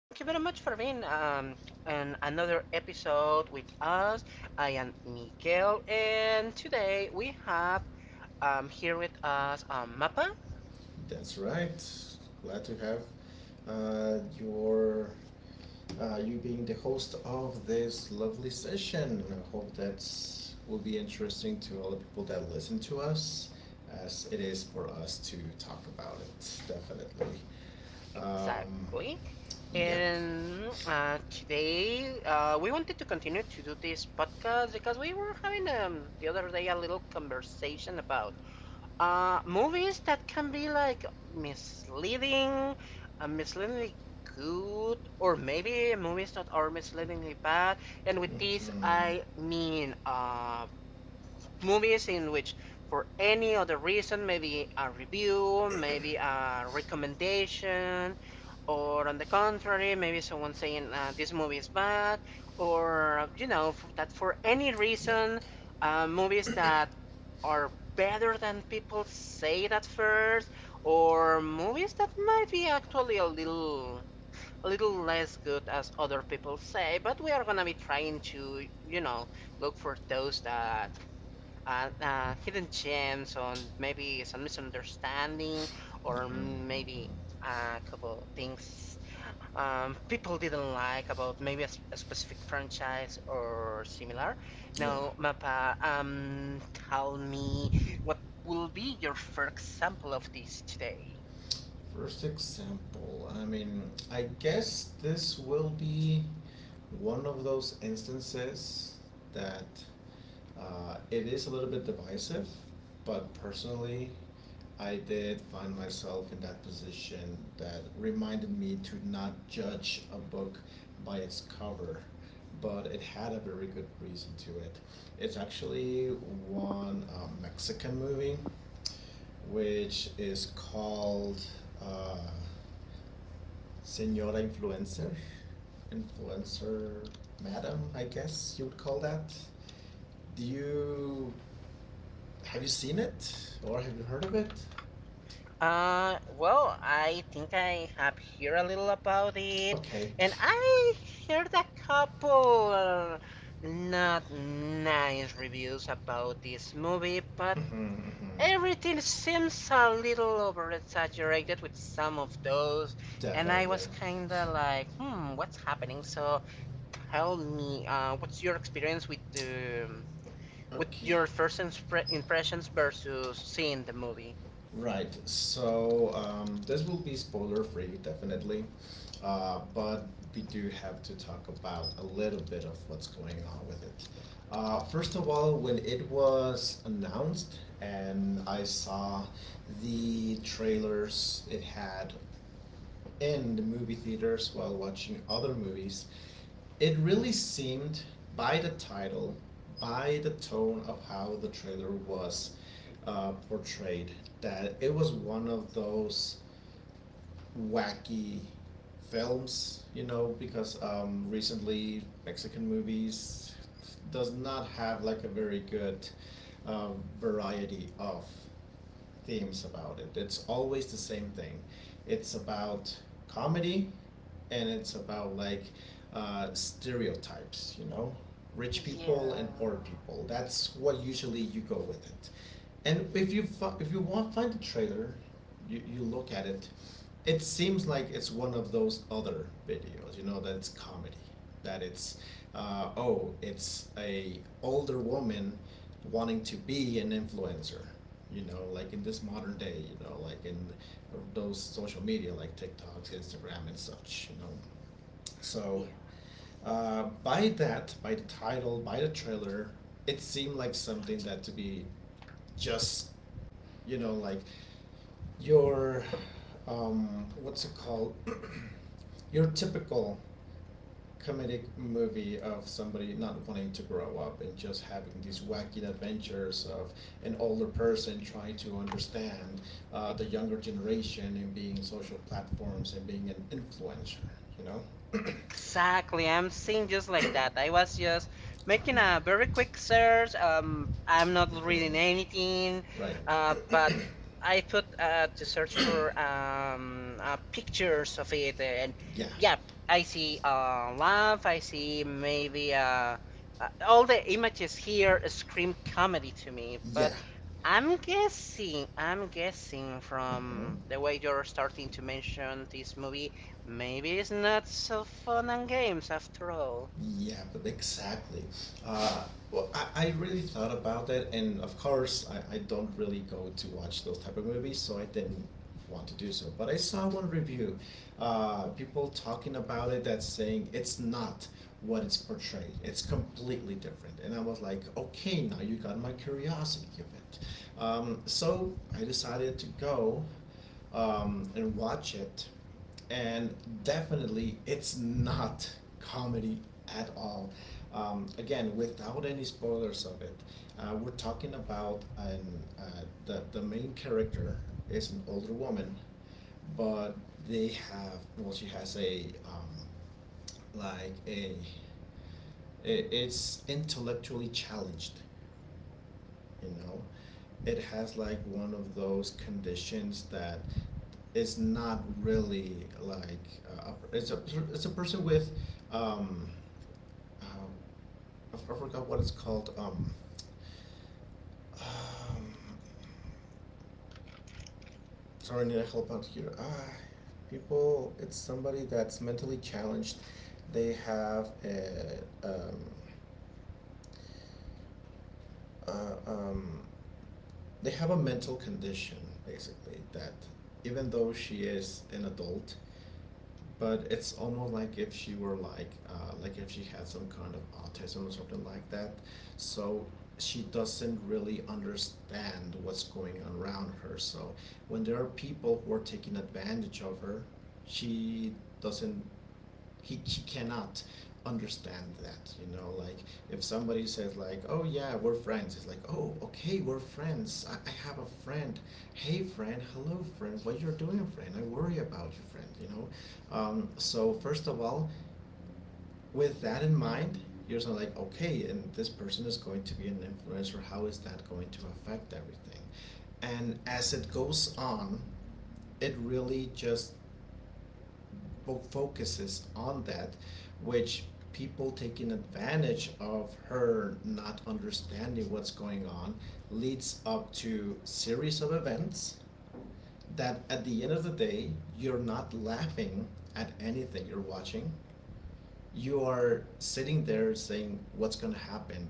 Thank you very much for being on another episode with us. I am Miguel, and today we have here with us Mappa. That's right. Glad to have your you being the host of this lovely session. I hope that will be interesting to all the people that listen to us, as it is for us to talk about it. Definitely. Um, Exactly. yep. And today we wanted to continue to do this podcast because we were having the other day a little conversation about movies that can be like misleading, misleadingly good, or maybe movies that are misleadingly bad. And with this, hmm I mean movies in which for any other reason, maybe a review, maybe a recommendation, or on the contrary, maybe someone saying this movie is bad, or you know that for any Yep. reason, movies that are better than people say at first, or movies that might be actually a little less good as other people say, but we are gonna be trying to, you know, look for those that hidden gems on maybe some misunderstanding or hmm maybe a couple things people didn't like about maybe a specific franchise or similar. Yeah. Now, Mappa, tell me what will be your first example of this today? First example, I mean, I guess this will be one of those instances that it is a little bit divisive, but personally, I did find myself in that position that reminded me to not judge a book by its cover, but it had a very good reason to it. It's actually one Mexican movie which is called uh, Senora Influencer. Influencer Madam, I guess you would call that. Do you. Have you seen it? Or have you heard of it? Well, I think I have heard a little about it, Okay. and I heard a couple not nice reviews about this movie, but Mhm, mhm. everything seems a little over exaggerated with some of those, and I Definitely. was kinda like, hmm, what's happening? So tell me, what's your experience with the with Okay. your first impressions versus seeing the movie? Right. So this will be spoiler free, definitely, but we do have to talk about a little bit of what's going on with it. First of all, when it was announced and I saw the trailers it had in the movie theaters while watching other movies, it really seemed, by the title, by the tone of how the trailer was portrayed, that it was one of those wacky films, you know, because recently Mexican movies does not have like a very good uh, variety of themes about it. It's always the same thing. It's about comedy, and it's about like stereotypes. You know, rich people Yeah, and poor people. That's what usually you go with it. And if you want find the trailer, you look at it. It seems like it's one of those other videos. You know that's comedy. That it's oh, it's a older woman wanting to be an influencer, you know, like in this modern day, you know, like in those social media like tiktoks, instagram, and such, you know, so yeah. By that, by the title, by the trailer, it seemed like something that to be just, you know, like your what's it called your typical comedic movie of somebody not wanting to grow up and just having these wacky adventures of an older person trying to understand Ex- the younger generation and being social platforms and being an influencer, you know? Exactly. I'm saying just like that. I was just making a very quick search. I'm not Mhm. reading Mhm. anything, Right. But I put to search for pictures of it, and yeah. yeah, I see laugh, I see maybe all the images here scream comedy to me. Yeah. But I'm guessing hmm from the way you're starting to mention this movie. Maybe it's not so fun and games after all. Yeah, but exactly. Uh, well, I really thought about that, and of course, I don't really go to watch those type of movies, so I didn't want to do so. But I saw one review, people talking about it that's saying it's not what it's portrayed. It's completely different, and I was like, okay, now you got my curiosity of it. So I decided to go and watch it and definitely it's not comedy at all. Again, without any spoilers of it, we're talking about the main character is an older woman, but they have well, she has a like a it's intellectually challenged, you know. It has like one of those conditions that is not really like it's a person with um uh, I forgot what it's called, um sorry, I need a help out here, people, it's somebody that's mentally challenged, they have a um, uh, um they have a mental condition basically that even though she is an adult, but it's almost like if she were like if she had some kind of autism or something like that, so she doesn't really understand what's going on around her. So when there are people who are taking advantage of her, she doesn't, he cannot understand that, you know, like if somebody says like, "Oh yeah, we're friends," it's like, "Oh, okay, we're friends. I have a friend. Hey friend, hello friend, what you're doing friend, I worry about you friend," you know. So first of all, with that in mind, you're sort of like, okay, and this person is going to be an influencer, how is that going to affect everything? And as it goes on, it really just focuses on that, which people taking advantage of her not understanding what's going on leads up to series of events that at the end of the day you're not laughing at anything you're watching. You are sitting there saying what's gonna happen.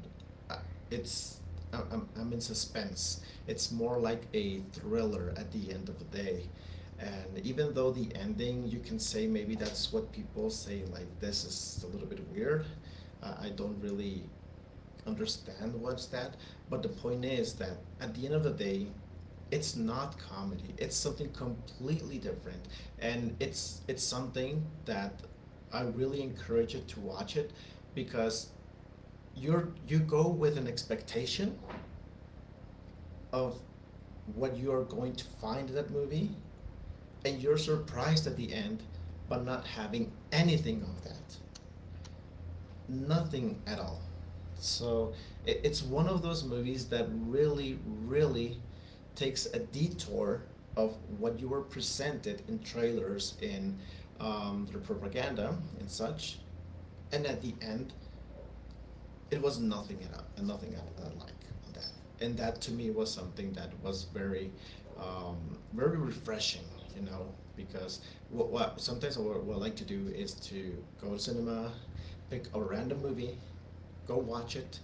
Uh, It's I- I'm in suspense. It's more like a thriller at the end of the day. And even though the ending, you can say maybe that's what people say, like this is a little bit weird. I don't really understand what's that. But the point is that at the end of the day, it's not comedy. It's something completely different, and it's something that I really encourage you to watch it because you go with an expectation of what you are going to find in that movie, and you're surprised at the end, but not having anything of that. Nothing at all. So it's one of those movies that really, really takes a detour of what you were presented in trailers, in their propaganda, and such. And at the end, it was nothing at all- nothing at, like that, and that to me was something that was very, very refreshing, you know, because what sometimes what I like to do is to go to cinema, pick a random movie, go watch it,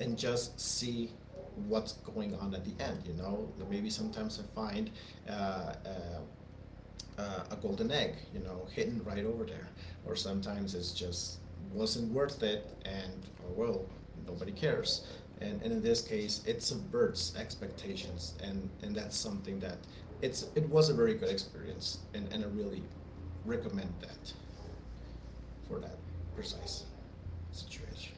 and just see what's going on at the end, you know. Maybe sometimes I find uh, uh, a golden egg, you know, hidden right over there. Or sometimes it's just wasn't worth it, and oh well, nobody cares. And in this case, it subverts expectations, and that's something that it was a very good experience, and I really recommend that for that precise situation.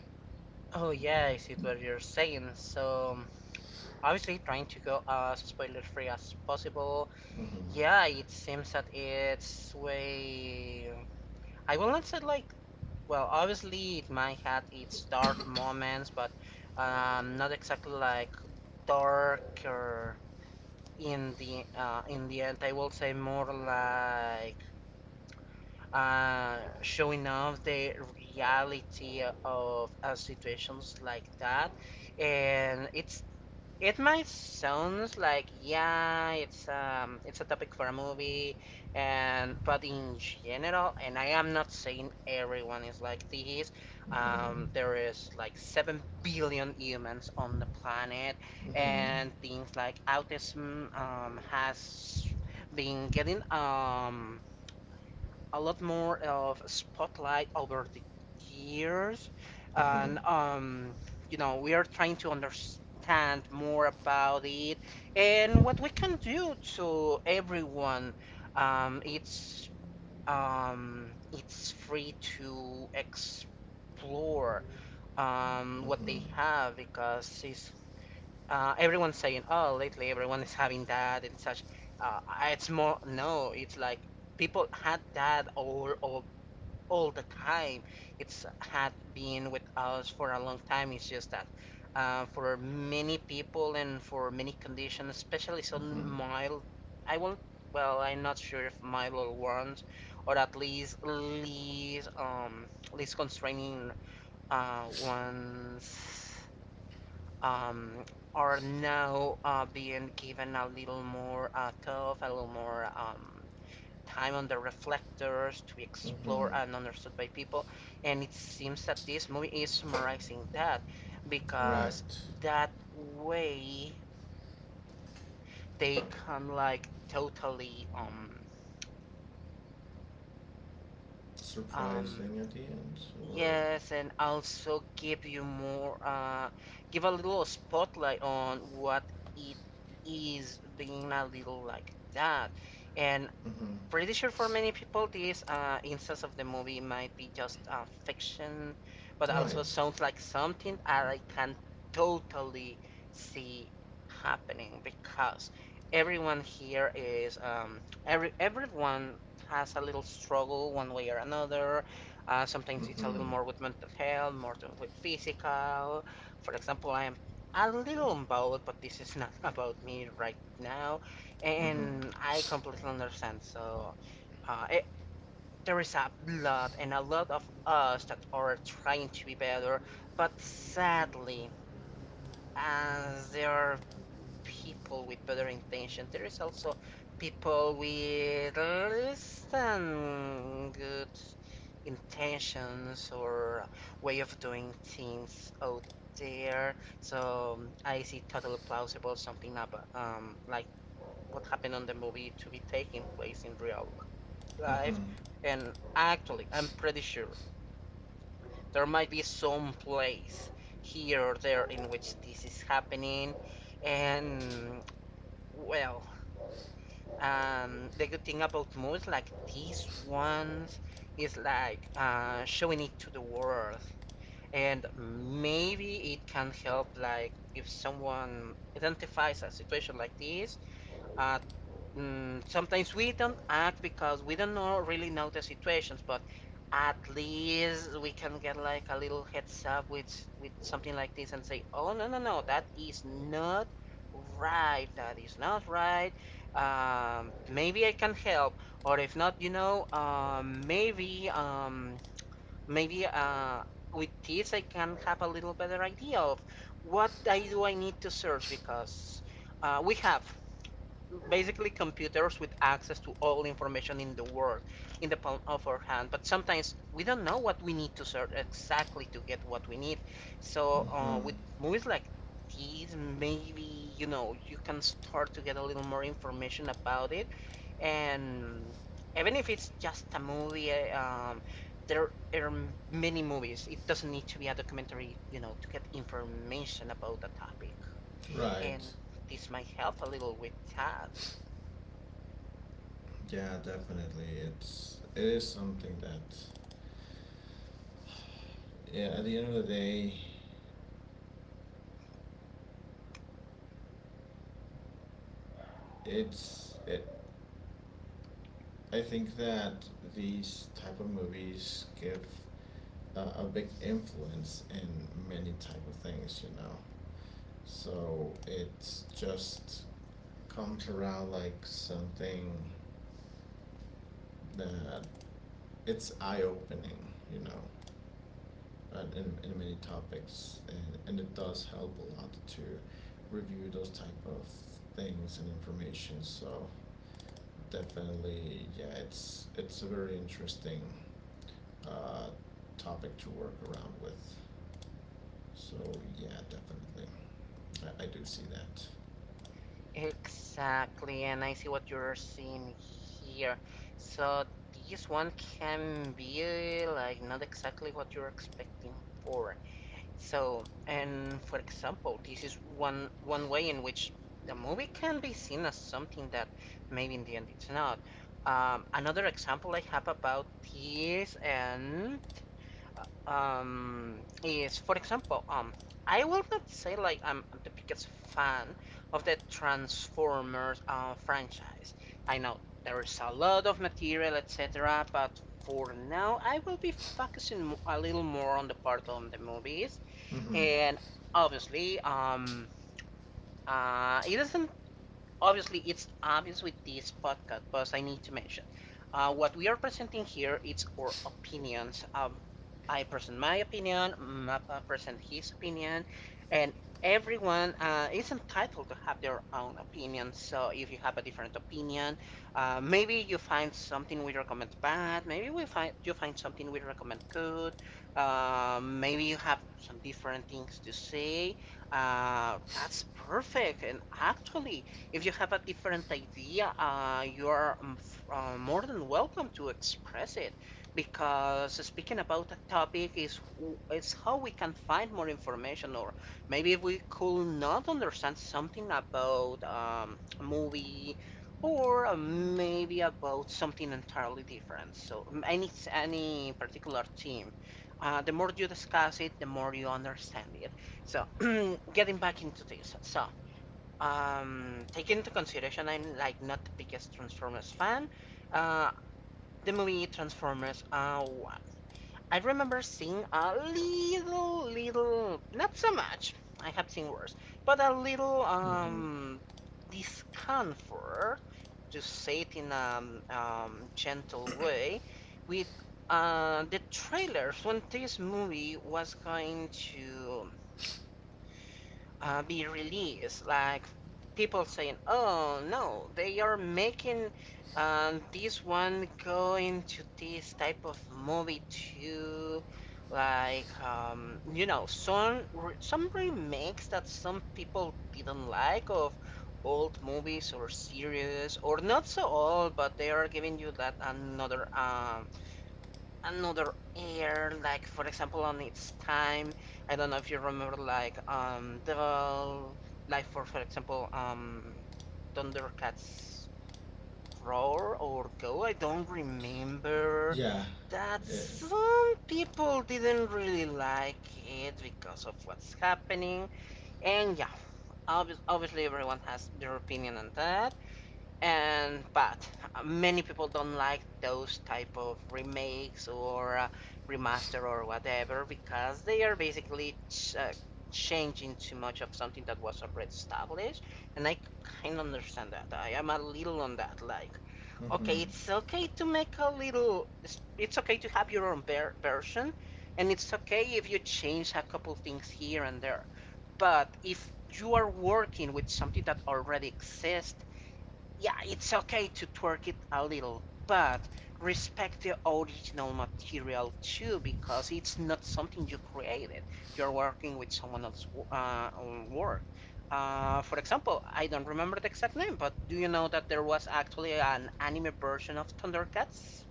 Oh yeah, I see what you're saying. So obviously trying to go as spoiler free as possible. Yeah, Hmm it seems that it's way I will not say like well obviously it might have its dark moments but not exactly like dark or in the end I will say more like showing off the reality of situations like that. And it might sounds like yeah, it's a topic for a movie, and but in general, and I am not saying everyone is like this. hmm There is like 7 billion humans on the planet, hmm and things like autism has been getting a lot more of spotlight over the years, hmm and you know, we are trying to understand more about it and what we can do to everyone. Um, it's it's free to explore what they have because it's everyone's saying, oh, lately everyone is having that and such. Uh, it's more no, it's like people had that all over all the time. It's had been with us for a long time. It's just that for many people and for many conditions, especially some hmm mild, I won't. Well, I'm not sure if mild ones, or at least least constraining ones um are now being given a little more tough, a little more time on the reflectors to be explored hmm and understood by people. And it seems that this movie is summarizing that because Right. that way they can like totally um Surprising at the end, or yes and also give you more give a little spotlight on what it is being a little like that and Mm-hmm. pretty sure for many people this instance of the movie might be just fiction, but also Right. sounds like something I can totally see happening because everyone here is um, everyone has a little struggle one way or another. Sometimes it's a Mm-hmm. little more with mental health, more than with physical. For example, I am a little on both, but this is not about me right now. Mm-hmm. And I completely understand. So uh, it, there is a lot and a lot of us that are trying to be better, but sadly, as there are people with better intention, there is also people with less than good intentions or way of doing things out there. So I see totally plausible something about like what happened on the movie to be taking place in real life. Mm-hmm. And actually, I'm pretty sure there might be some place here or there in which this is happening. And well, the good thing about movies like these ones is like showing it to the world. And maybe it can help, like, if someone identifies a situation like this, uh, Mm, sometimes we don't act because we don't know, really know the situations, but at least we can get like a little heads up with something like this and say, "Oh no no no, that is not right. That is not right. Maybe I can help, or if not, you know, maybe maybe with this I can have a little better idea of what I do I need to search because." We have basically computers with access to all information in the world in the palm of our hand but sometimes we don't know what we need to search exactly to get what we need so Mm-hmm. with movies like these maybe you know you can start to get a little more information about it and even if it's just a movie there are many movies it doesn't need to be a documentary you know to get information about a topic and Right. this might help a little with that. Yeah, definitely. It is something that yeah, at the end of the day, it's it, I think that these type of movies give a big influence in many type of things, you know. So it just comes around like something that it's eye opening, you know, and in many topics, and it does help a lot to review those type of things and information. So definitely, yeah, it's a very interesting uh, topic to work around with. So yeah, definitely, I do see that. Exactly, and I see what you're seeing here. So this one can be like not exactly what you're expecting for. So, and for example, this is one way in which the movie can be seen as something that maybe in the end it's not. Another example I have about this, and um, is for example, I will not say like I'm the biggest fan of the Transformers franchise. I know there is a lot of material, etc., but for now, I will be focusing a little more on the part on the movies, Mhm. and obviously, it doesn't obviously it's obvious with this podcast, but I need to mention what we are presenting here. It's our opinions. I present my opinion. Mappa present his opinion, and everyone is entitled to have their own opinion. So if you have a different opinion, maybe you find something we recommend bad. Maybe we find you find something we recommend good. Maybe you have some different things to say. That's perfect. And actually, if you have a different idea, you are more than welcome to express it because speaking about a topic is how we can find more information or maybe if we could not understand something about a movie or maybe about something entirely different. So um, any particular theme, the more you discuss it, the more you understand it. So getting back into this, so taking into consideration I'm like not the biggest Transformers fan, uh, the movie Transformers 1. I remember seeing a little, little, not so much, I have seen worse, but a little Mhm. Discomfort, to say it in a gentle way, with the trailers when this movie was going to be released. Like people saying, "Oh no, they are making this one go into this type of movie too." Like you know, some some remakes that some people didn't like of old movies or series, or not so old, but they are giving you that another another air, like for example on its time. I don't know if you remember like the like for example Thundercats Roar or Go. I don't remember Yeah. that It, some people didn't really like it because of what's happening and yeah obviously everyone has their opinion on that and but many people don't like those type of remakes or remaster or whatever because they are basically changing too much of something that was already established and I kind of understand that I am a little on that like okay mhm. it's okay to make a little it's okay to have your own version and it's okay if you change a couple things here and there but if you are working with something that already exists yeah, it's okay to twerk it a little, but respect the original material too because it's not something you created. You're working with someone else's own work. For example, I don't remember the exact name, but do you know that there was actually an anime version of Thundercats?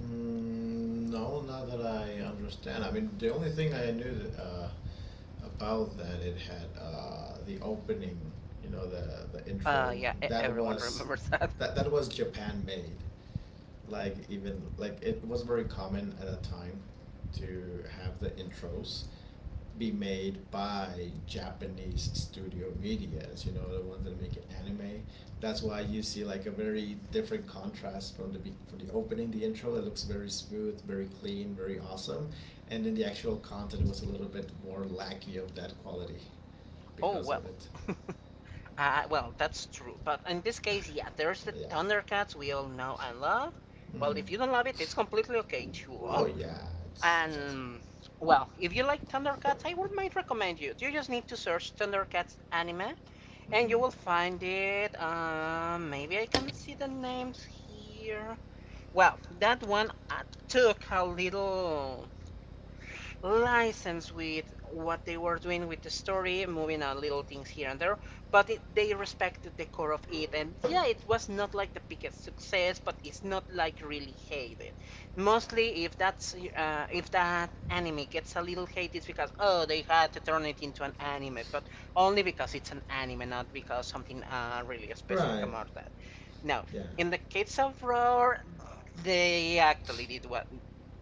Mm, no, not that I understand. I mean, the only thing I knew that, about that it had the opening, you know, the intro. That Everyone was remembers that. That was Japan made. Like even like it was very common at that time to have the intros be made by Japanese studio medias, you know, the ones that make it anime. That's why you see like a very different contrast from from the opening, the intro. It looks very smooth, very clean, very awesome, and then the actual content was a little bit more lackey of that quality Oh because of well. it. Well, that's true. But in this case, yeah, there's the But yeah. Thundercats we all know and love. Well, hmm if you don't love it, it's completely okay too. Huh? Oh yeah, it's awesome. And well, if you like Thundercats, I would might recommend you. You just need to search Thundercats anime, and Hmm you will find it. Maybe I can see the names here. Well, that one took a little license with what they were doing with the story, moving on little things here and there, but they respected the core of it. And yeah, it was not like the biggest success, but it's not like really hated. Mostly, if that's if that anime gets a little hate, it's because oh they had to turn it into an anime, but only because it's an anime, not because something really specific Right. about that. No. Yeah. In the case of Roar, they actually did what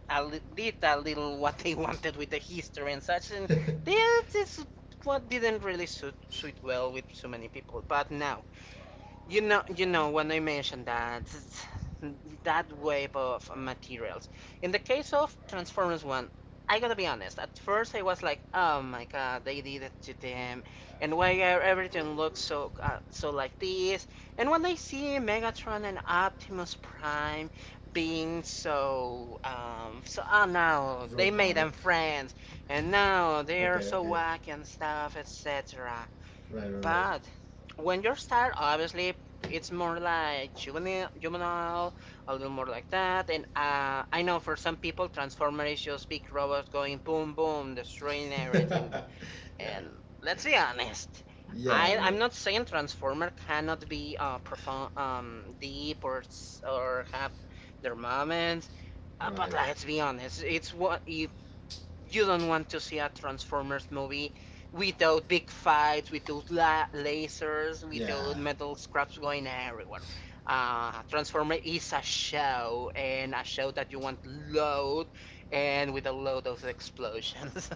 did a little what they wanted with the history and such, and this is what didn't really suit well with so many people. But now, when I mentioned that that wave of materials. In the case of Transformers One, I gotta be honest. At first, I was like, "Oh my God, they did it to them," and why everything looks so like this? And when I see Megatron and Optimus Prime being so oh no, they made them Robotic. friends, and now they Okay. are so Okay. wacky and stuff, etc. Right, right, But when you're start, obviously it's more like juvenile, a little more like that. And I know for some people, Transformers is just big robots going boom, boom, destroying everything. right. yeah. And let's be honest, Yeah, I'm not saying Transformer cannot be profound, deep or have their moments, but right. let's be honest, it's what if you don't want to see a Transformers movie without big fights, without lasers, without Yeah. metal scraps going everywhere. Transformer is a show, and a show that you want loud and with a load of explosions.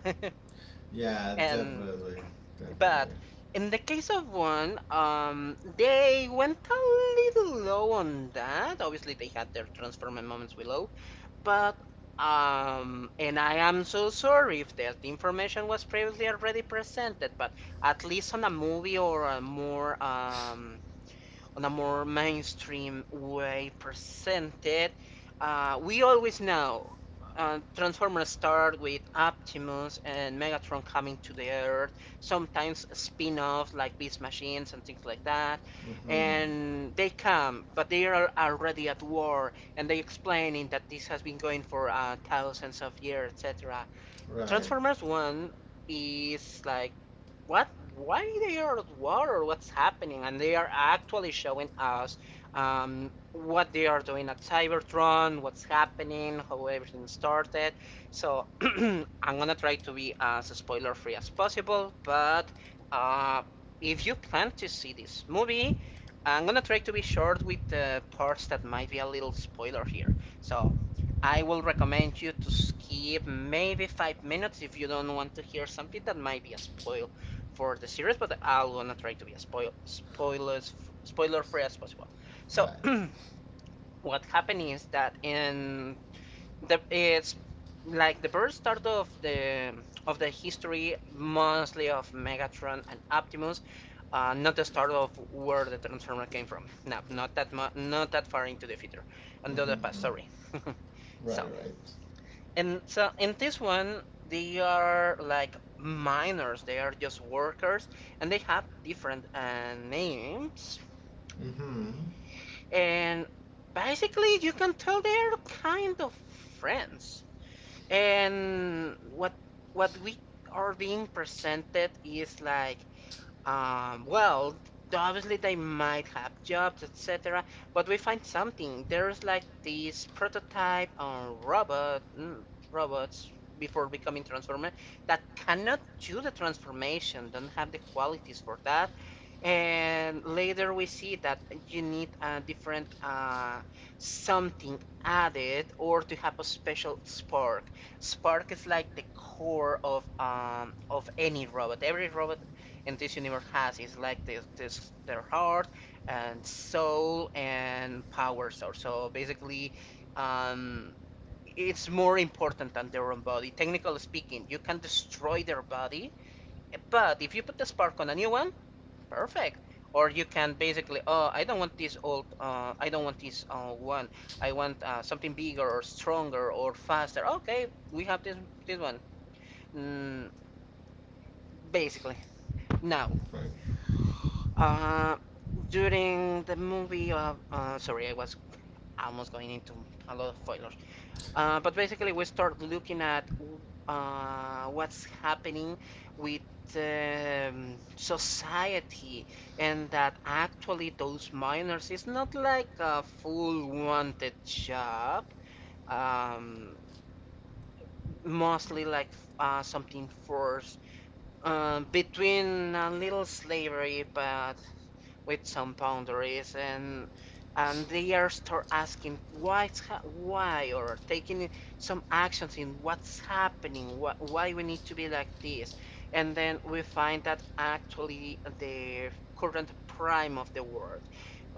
Yeah, and definitely. but Definitely. in the case of one, they went a little low on that. Obviously, they had their Transformer moments below, but and I am so sorry if that information was previously already presented, but at least on a movie or a more on a more mainstream way presented. We always know Transformers start with Optimus and Megatron coming to the Earth, sometimes spin offs like Beast Machines and things like that. Mhm. And they come, but they are already at war, and they explaining that this has been going for thousands of years, etc. Right. Transformers One is like what why they are at war or what's happening and they are actually showing us what they are doing at cybertron, what's happening, how everything started. So I'm gonna try to be as spoiler free as possible, but uh, if you plan to see this movie, I'm gonna try to be short with the parts that might be a little spoiler here. So I will recommend you to skip maybe 5 minutes if you don't want to hear something that might be a spoil for the series, but I'll gonna try to be as spoiler free as possible. So Right. what happened is that in the it's like the birth start of the history mostly of Megatron and Optimus, not the start of where the Transformer came from. No, not that not that far into the future, into the Mhm. past. mhm. Sorry. So Right, right. so in this one, they are like miners. They are just workers, and they have different names. Mhm. And basically, you can tell they are kind of friends. And what we are being presented is like well, obviously they might have jobs, etc. But we find something. There's like this prototype on robot robots before becoming transformer that cannot do the transformation, don't have the qualities for that. And later we see that you need a different something added or to have a special spark. Spark is like the core of any robot. Every robot and this universe has is like this, their heart and soul and power source. So basically, um, it's more important than their own body. Technically speaking, you can destroy their body, but if you put the spark on a new one, perfect. Or you can basically, oh, I don't want this old, I don't want this one. I want something bigger or stronger or faster. Okay, we have this one. Mm, basically, now Right. Uh, during the movie, sorry, I was almost going into a lot of spoilers. But basically, we start looking at what's happening with society, and that actually those miners is not like a full wanted job. Um, mostly like something forced between a little slavery, but with some boundaries and they are start asking why why or taking some actions in what's happening why we need to be like this. And then we find that actually the current prime of the world,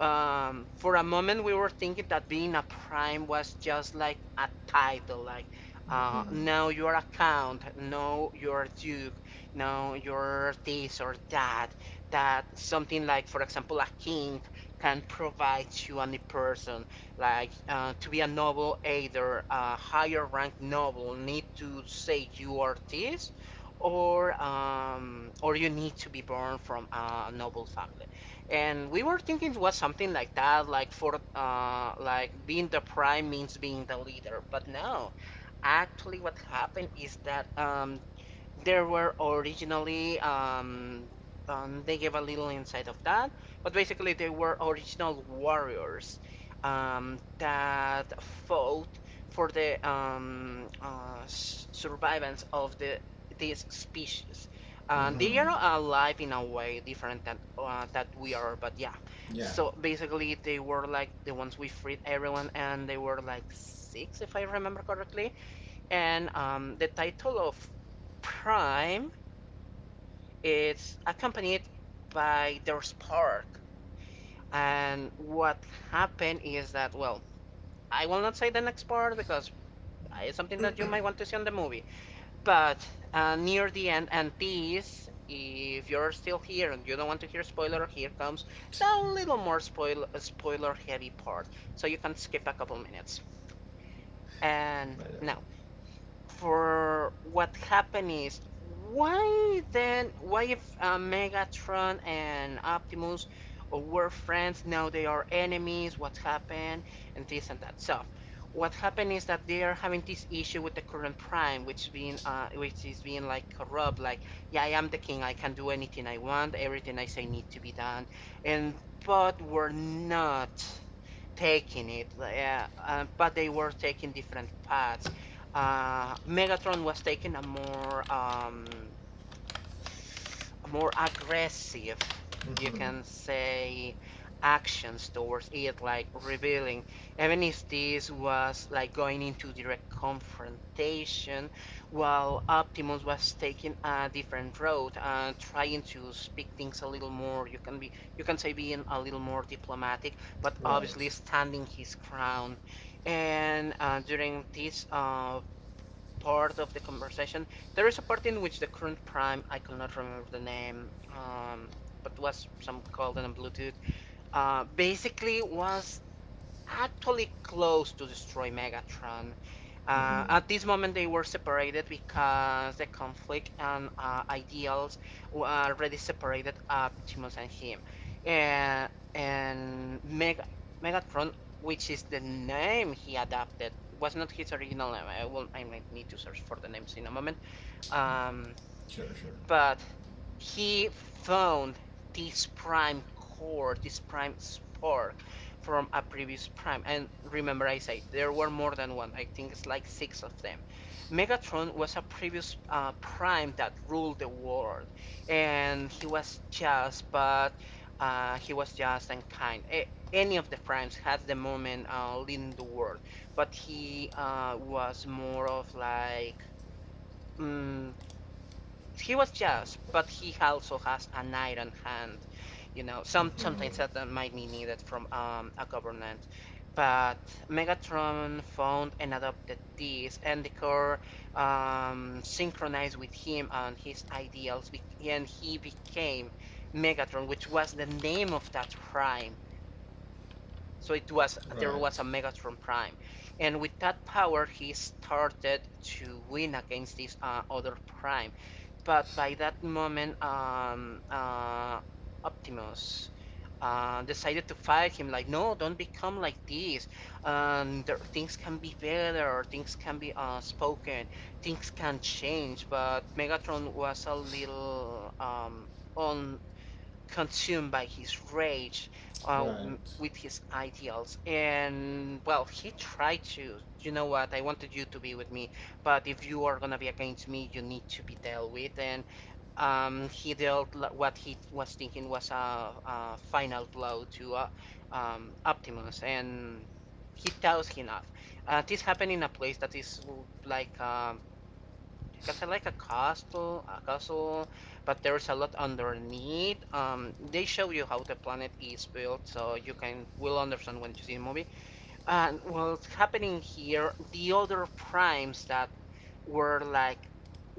for a moment we were thinking that being a prime was just like a title like Mhm. now you're a count, now you're a duke, now you're this or that, that something like, for example, a king can provide to any person. Like to be a noble, either a higher ranked noble need to say you are this, or you need to be born from a noble family. And we were thinking it was something like that, like for like being the prime means being the leader. But no, actually, what happened is that there were originally, they gave a little insight of that, but basically they were original warriors that fought for the survivance of the this species. They are Mhm. alive in a way different than that we are, but yeah. Yeah. So basically, they were like the ones we freed everyone, and they were like six, if I remember correctly. And the title of Prime is accompanied by their spark. And what happened is that well, I will not say the next part because it's something that you might want to see on the movie. But near the end, and this, if you're still here and you don't want to hear spoiler, here comes the little more spoiler heavy part. So you can skip a couple minutes. And Right. now, for what happened is why then why if Megatron and Optimus were friends now they are enemies, what happened and this and that. So what happened is that they are having this issue with the current prime which being which is being like corrupt, like yeah I am the king, I can do anything I want, everything I say need to be done. And but we're not taking it, yeah, but they were taking different paths. Megatron was taking a more aggressive, you Mhm. can say, actions towards it, like revealing. Even if this was like going into direct confrontation, while Optimus was taking a different road and trying to speak things a little more. You can be, you can say, being a little more diplomatic, but Right. obviously standing his ground. And during this part of the conversation. There is a part in which the current prime, I cannot remember the name, but was some golden on Bluetooth, basically was actually close to destroy Megatron. Mhm. At this moment, they were separated because the conflict and ideals were already separated Optimus and him. And, and Meg- Megatron, which is the name he adopted, was not his original name. I might need to search for the names in a moment. Um, Sure, sure. but he found this prime core, this prime spark from a previous prime. And remember, I said there were more than one. I think it's like six of them. Megatron was a previous prime that ruled the world, and he was just, but he was just and kind. Any of the primes had the moment leading the world, but he was more of like. Mm, he was jealous, but he also has an iron hand. You know, some Mhm. sometimes that might be needed from a government. But Megatron found and adopted this, and the core synchronized with him and his ideals, and he became Megatron, which was the name of that prime. So it was there was a Right. Megatron Prime, and with that power he started to win against this other Prime. But by that moment, Optimus decided to fight him. Like, no, don't become like this. There, things can be better. Things can be spoken. Things can change. But Megatron was a little on consumed by his rage, uh, Right. with his ideals. And well, he tried to, you know what, I wanted you to be with me, but if you are gonna be against me, you need to be dealt with. And he dealt what he was thinking was a final blow to Optimus, and he tells him off. This happened in a place that is like because I can say like a castle, but there's a lot underneath. They show you how the planet is built, so you can will understand when you see the movie. And what's happening here, the other primes that were like,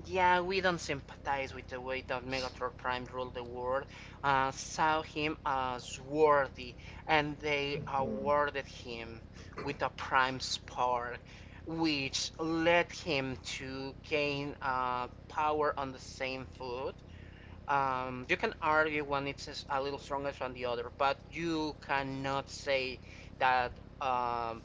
yeah, we don't sympathize with the way that Megatron Prime ruled the world, saw him as worthy, and they awarded him with a Prime Spark, which led him to gain power on the same foot. You can argue one it's a little stronger than the other, but you cannot say that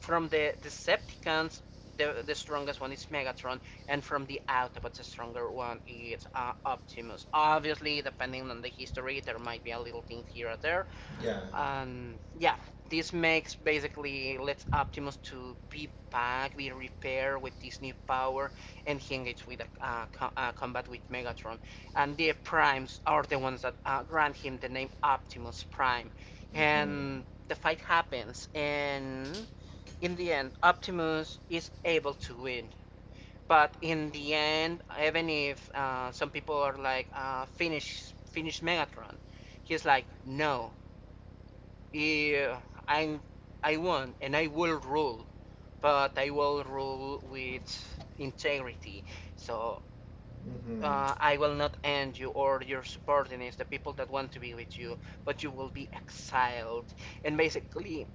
from the Decepticons, the strongest one is Megatron, and from the Autobots, the stronger one is Optimus. Obviously, depending on the history, there might be a little thing here or there. Yeah. Yeah, this makes basically lets Optimus to be back, be repaired with this new power, and he engages with a combat with Megatron. And the Primes are the ones that grant him the name Optimus Prime, and the fight happens and in the end, Optimus is able to win. But in the end, even if some people are like, finish Megatron, he's like, no, i I won and I will rule, but I will rule with integrity. So Mhm. I will not end you or your subordinates, the people that want to be with you, but you will be exiled. And basically,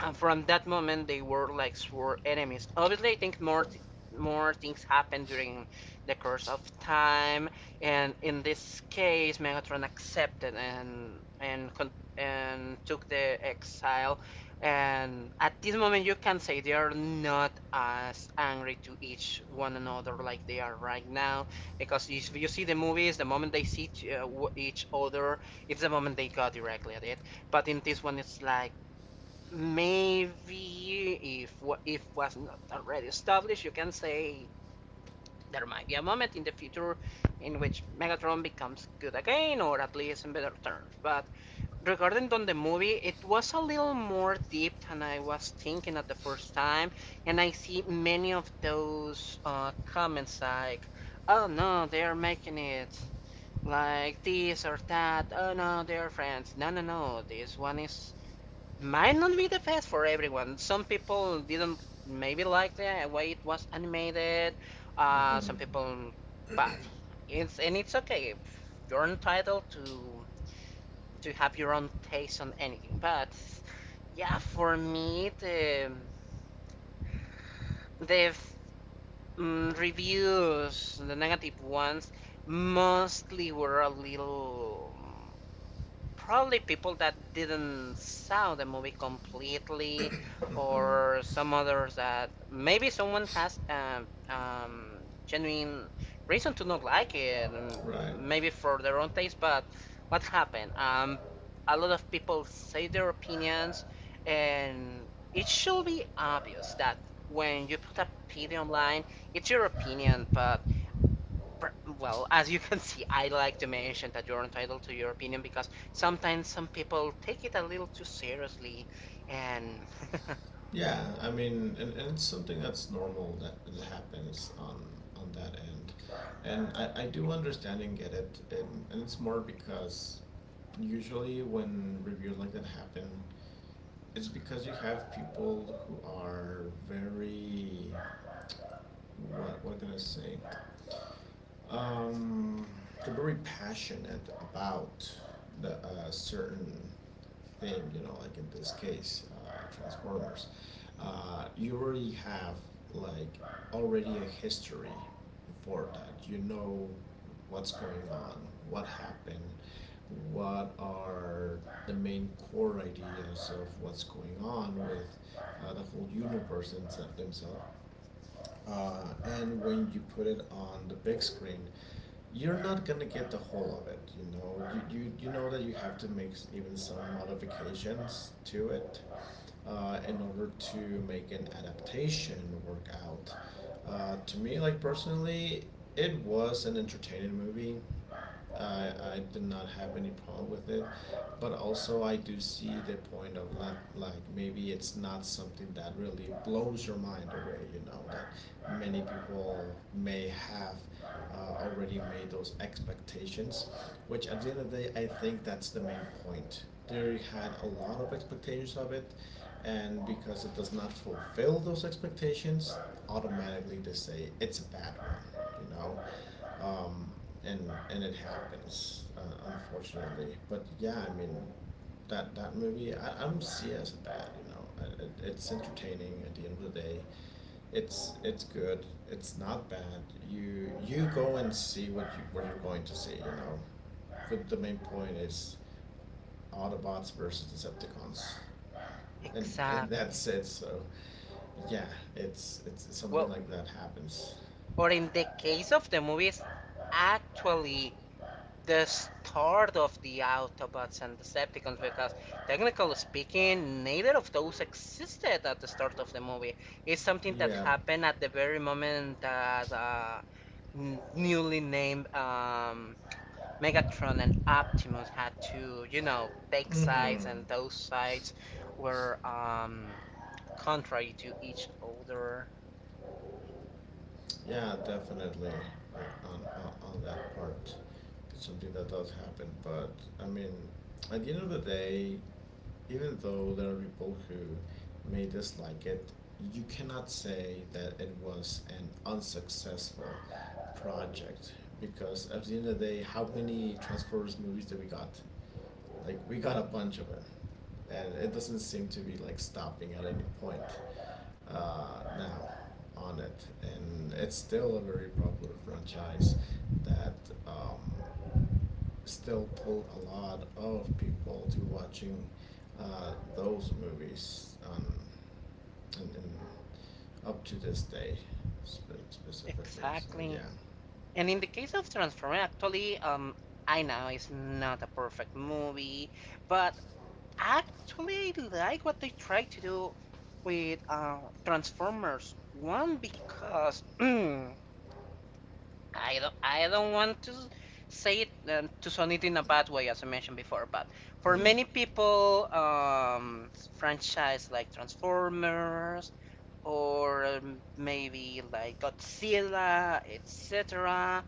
And from that moment, they were like sworn enemies. Obviously, I think more things happen during the course of time, and in this case, Megatron accepted and took the exile. And at this moment, you can say they are not as angry to each one another like they are right now, because you see the movies, the moment they see uh, each other, it's the moment they go directly at it. But in this one, it's like maybe if was not already established, you can say there might be a moment in the future in which Megatron becomes good again, or at least in better terms. But regarding on the movie, it was a little more deep than I was thinking at the first time, and I see many of those comments like, "Oh no, they are making it." Like this or that. Oh no, they are friends. No, no, no. This one is might not be the best for everyone. Some people didn't maybe like the way it was animated. Some people, but It's and it's okay. You're entitled to have your own taste on anything. But yeah, for me, the reviews, the negative ones, mostly were a little probably people that didn't saw the movie completely or some others that maybe someone has genuine reason to not like it and Right. maybe for their own taste but what happened a lot of people say their opinions and it should be obvious that when you put a opinion online it's your opinion but well, as you can see, I like to mention that you're entitled to your opinion because sometimes some people take it a little too seriously, and Yeah, I mean, and it's something that's normal that it happens on that end, and I do understand and get it, and it's more because usually when reviews like that happen, it's because you have people who are very, what can I say, um, they're very passionate about the certain theme. You know, like in this case, Transformers. You already have like already a history before that. You know what's going on, what happened, what are the main core ideas of what's going on with the whole universe and themselves. And when you put it on the big screen, you're not gonna get the whole of it. You know, you know that you have to make even some modifications to it in order to make an adaptation work out. To me, like personally, it was an entertaining movie. I did not have any problem with it, but also I do see the point of like maybe it's not something that really blows your mind away, you know, that many people may have already made those expectations, which at the end of the day, I think that's the main point. They had a lot of expectations of it, and because it does not fulfill those expectations, automatically they say it's a bad oneum, and it happens unfortunately. But yeah, I mean, that movie I don't see it as bad. It's entertaining at the end of the day. It's good. It's not bad. You go and see what you're going to see. But the main point is Autobots versus Decepticons. And that's exactly. it. So, yeah, it's something Well, like that happens. or in the case of the movies, actually the start of the Autobots and Decepticons, because technically speaking, neither of those existed at the start of the movie. It's something that Yeah. happened at the very moment that newly named Megatron and Optimus had to, you know, take sides, Mm-hmm. and those sides were contrary to each other. Yeah, definitely. Like, on that part. It's something that does happen, but I mean, at the end of the day, even though there are people who may dislike it, you cannot say that it was an unsuccessful project because at the end of the day, how many Transformers movies did we got? Like, we got a bunch of it, and it doesn't seem to be like stopping at any point now on it, and it's still a very popular franchise that um, still pull a lot of people to watching those movies and up to this day specifically. So Exactly. yeah. And in the case of Transformers, actually, I know it's not a perfect movie, but actually, I like what they try to do with Transformers. One, because I don't want to say it to sound it in a bad way, as I mentioned before, but for many people, franchise like Transformers or maybe like Godzilla, etc.,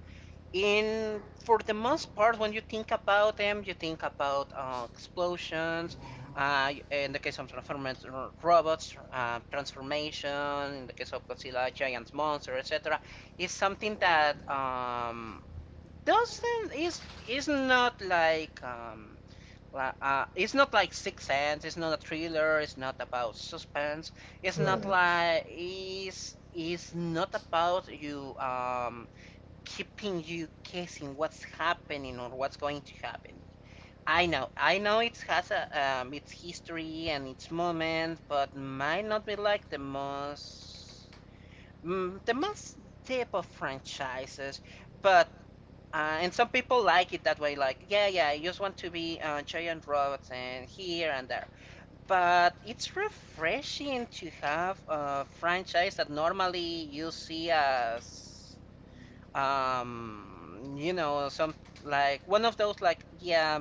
in for the most part, when you think about them, you think about explosions. In the case of Transformers, robots, transformation. In the case of Godzilla, giant monster, etc., is something that doesn't is not like it's not like Sixth Sense. It's not a thriller. It's not about suspense. It's not Right. like is not about you keeping you guessing what's happening or what's going to happen. I know it has a its history and its moment, but might not be like the most the most deep of franchises. But and some people like it that way, like yeah, yeah, I just want to be giant robots and here and there. But it's refreshing to have a franchise that normally you see as you know some like one of those like yeah,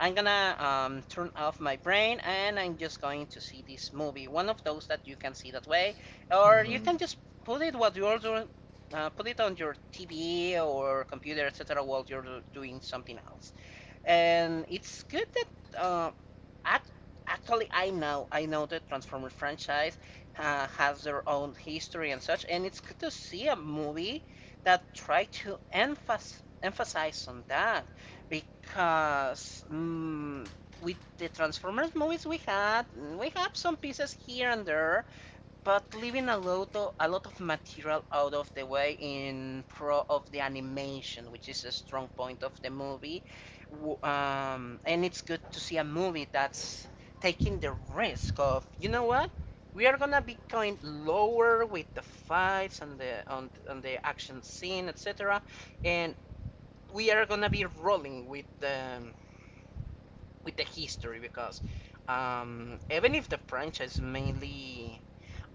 I'm gonna turn off my brain and I'm just going to see this movie, one of those that you can see that way or you Mm-hmm. can just put it what you're doing, put it on your TV or computer etc. while you're doing something else. And it's good that Ac- actually, I know the Transformers franchise has their own history and such, and it's good to see a movie that try to emphasize on that because with the Transformers movies we had, we have some pieces here and there but leaving a lot of material out of the way in pro of the animation, which is a strong point of the movie. And it's good to see a movie that's taking the risk of, you know what? We are gonna be going lower with the fights and the on the action scene, etc. And we are gonna be rolling with the history because even if the franchise mainly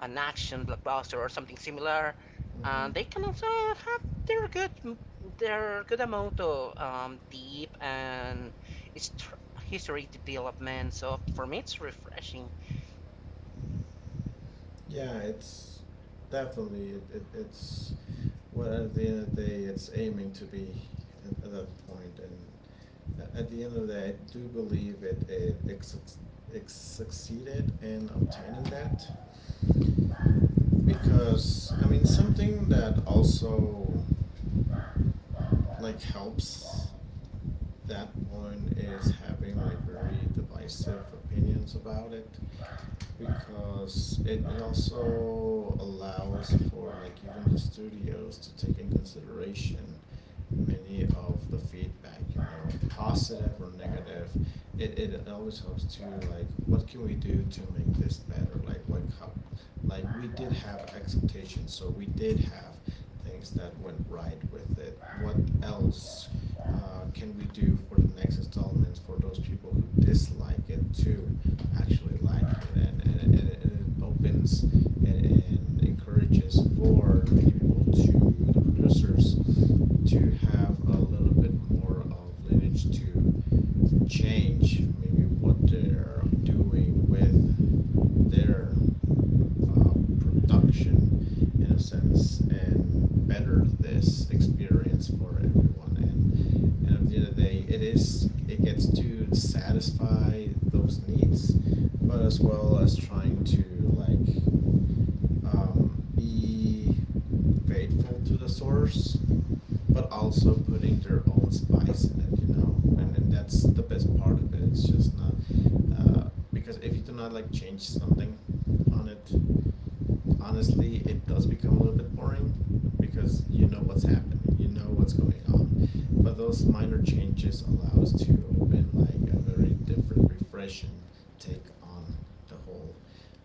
an action blockbuster or something similar, Mm-hmm. and they can also have their good their good amount of deep and history development. So for me, it's refreshing. Yeah, it's definitely. It's what at the end of the day it's aiming to be at that point, and at the end of the day, I do believe it succeeded in obtaining that, because I mean, something that also like helps that point is having like very divisive opinions about it, because it also allows for, like, even the studios to take in consideration many of the feedback, positive or negative. It always helps to, like, what can we do to make this better? Like, what, how, like, we did have expectations, so we did have things that went right with it. What else can we do for the next installments for those people who dislike it to actually like it? And it opens and encourages for many people, to the producers, to have a little bit more of lineage to change maybe what they're doing with their uh, production, in a sense, and better this experience for everyone. And at the end of the day, it is, it gets to satisfy those needs, but as well as trying to, like, be faithful to the source, but also putting their own spice in it. And that's the best part of it. It's just not uh, because if you do not like change something on it, honestly, it does become a little bit boring, because you know what's happening, you know what's going on. But those minor changes allow us to open, like, a very different, refreshing take on the whole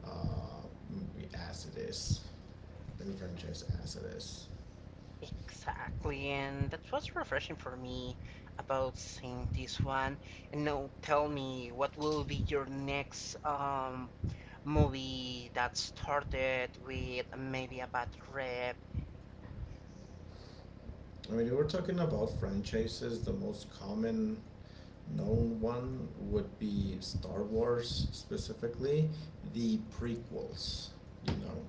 uh, movie as it is, in franchise as it is. Exactly, and that's what's refreshing for me about seeing this one. And now tell me, what will be your next movie that started with maybe a bad rep? I mean, if we're talking about franchises, the most common known one would be Star Wars, specifically the prequels. You know,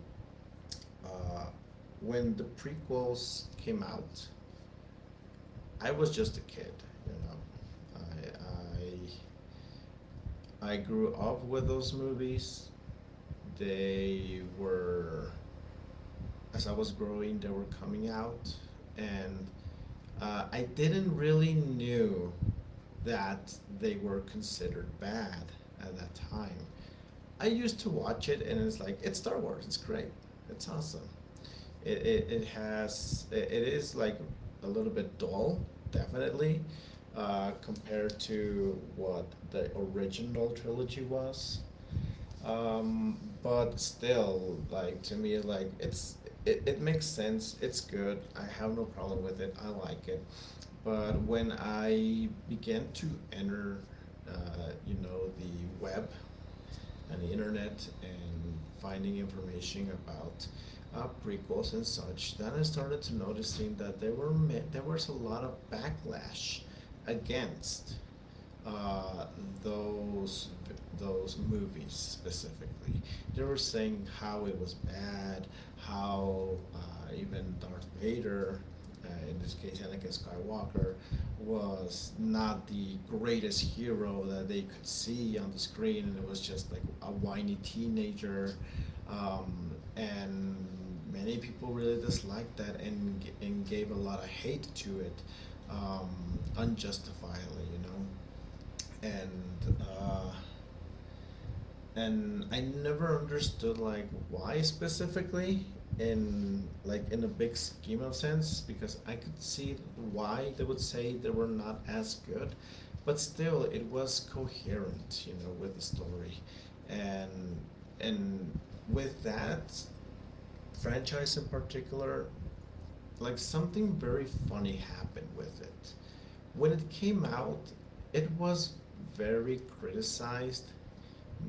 uh, when the prequels came out, I was just a kid. You know, I I I grew up with those movies. They were, as I was growing, they were coming out, and I didn't really knew that they were considered bad at that time. I used to watch it, and it's like, it's Star Wars. It's great. It's awesome. It is like a little bit dull, definitely, compared to what the original trilogy was. Um, but still, like, to me, like, it makes sense. It's good. I have no problem with it. I like it. But when I began to enter, the web and the internet and finding information about prequels and such, then I started to noticing that there was a lot of backlash against uh, those those movies specifically. They were saying how it was bad, how even Darth Vader, in this case Anakin Skywalker, was not the greatest hero that they could see on the screen, and it was just like a whiny teenager. And many people really disliked that, and gave a lot of hate to it unjustifiablyand uh, and I never understood like why specifically, in, like, in a big scheme of sense, because I could see why they would say they were not as good, but still it was coherent, with the story, and and with that franchise in particular, like, something very funny happened with it. When it came out, it was very criticized.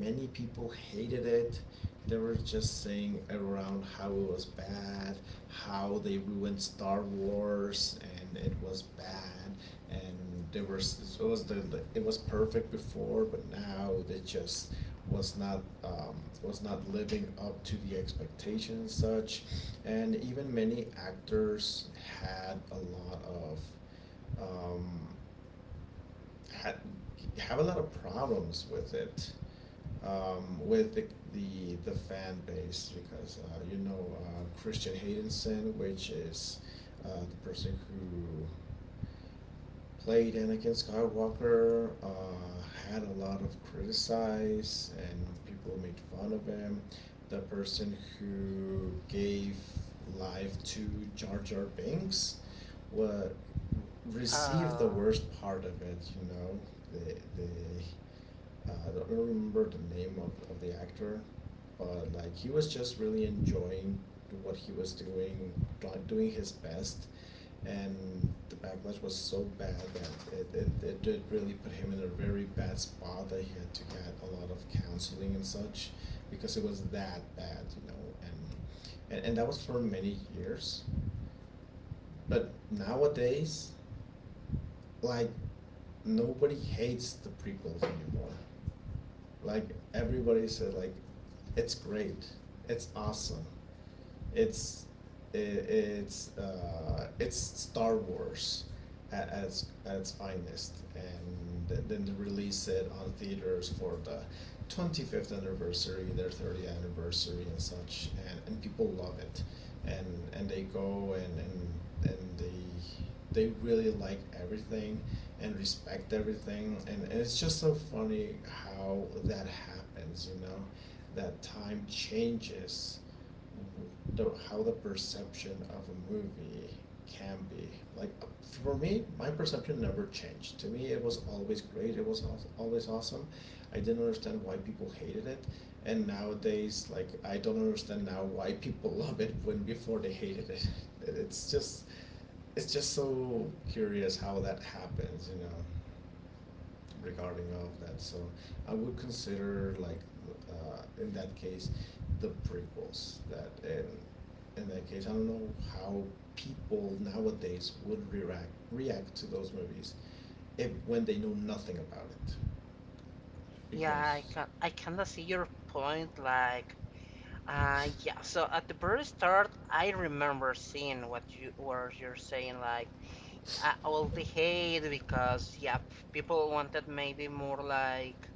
Many people hated it. They were just saying around how it was bad, how they ruined Star Wars, and it was bad. And there was it was the it was perfect before, but now it just was not um, was not living up to the expectation and such. And even many actors had a lot of um, had have a lot of problems with it with the fan base, because Christian Haydenson, which is the person who played Anakin Skywalker, had a lot of criticize and people made fun of him. The person who gave life to Jar Jar Binks wa received the Uh, worst part of it. You know, the I don't remember the name of the actor, but, like, he was just really enjoying what he was doing, doing his best, and the backlash was so bad that it did really put him in a very bad spot, that he had to get a lot of counseling and such, because it was that bad, and that was for many years. But nowadays, like, nobody hates the prequels anymore. Like, everybody said, like, it's great, it's awesome, it's I it's Star Wars at its finest, and then they release it on theaters for the 25th anniversary, their 30th anniversary, and such, and people love it, and and they go and they really like everything and respect everything, and it's just so funny how that happens, that time changes the how the perception of a movie can be. Like, for me, my perception never changed. To me, it was always great, it was always awesome. I didn't understand why people hated it, and nowadays, like, I don't understand now why people love it when before they hated it. it's just it's just so curious how that happens, regarding of that. So I would consider, like, in that case, the prequels, that in that case, I don't know how people nowadays would react to those movies if when they know nothing about it, Yeah, I because can I kinda see your point. Like, yeah. So at the very start, I remember seeing what you're saying. Like, all the hate because yeah, people wanted maybe more like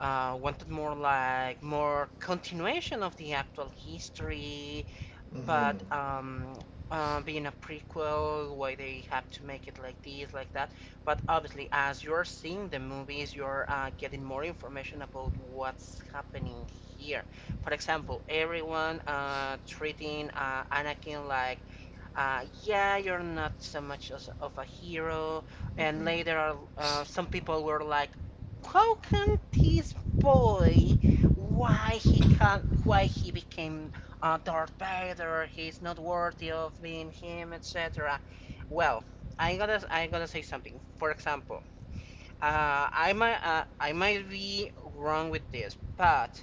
wanted more like more continuation of the actual history Mm-hmm. but being a prequel, why they have to make it like this, like that. But obviously, as you're seeing the movies, you're getting more information about what's happening here. For example, everyone treating Anakin like yeah, you're not so much as of a hero. And later, Mm-hmm. Some people were like, how can this boy, why he can't, why he became Darth Vader? He's not worthy of being him, etc. Well, I gotta say something. For example, I might be wrong with this, but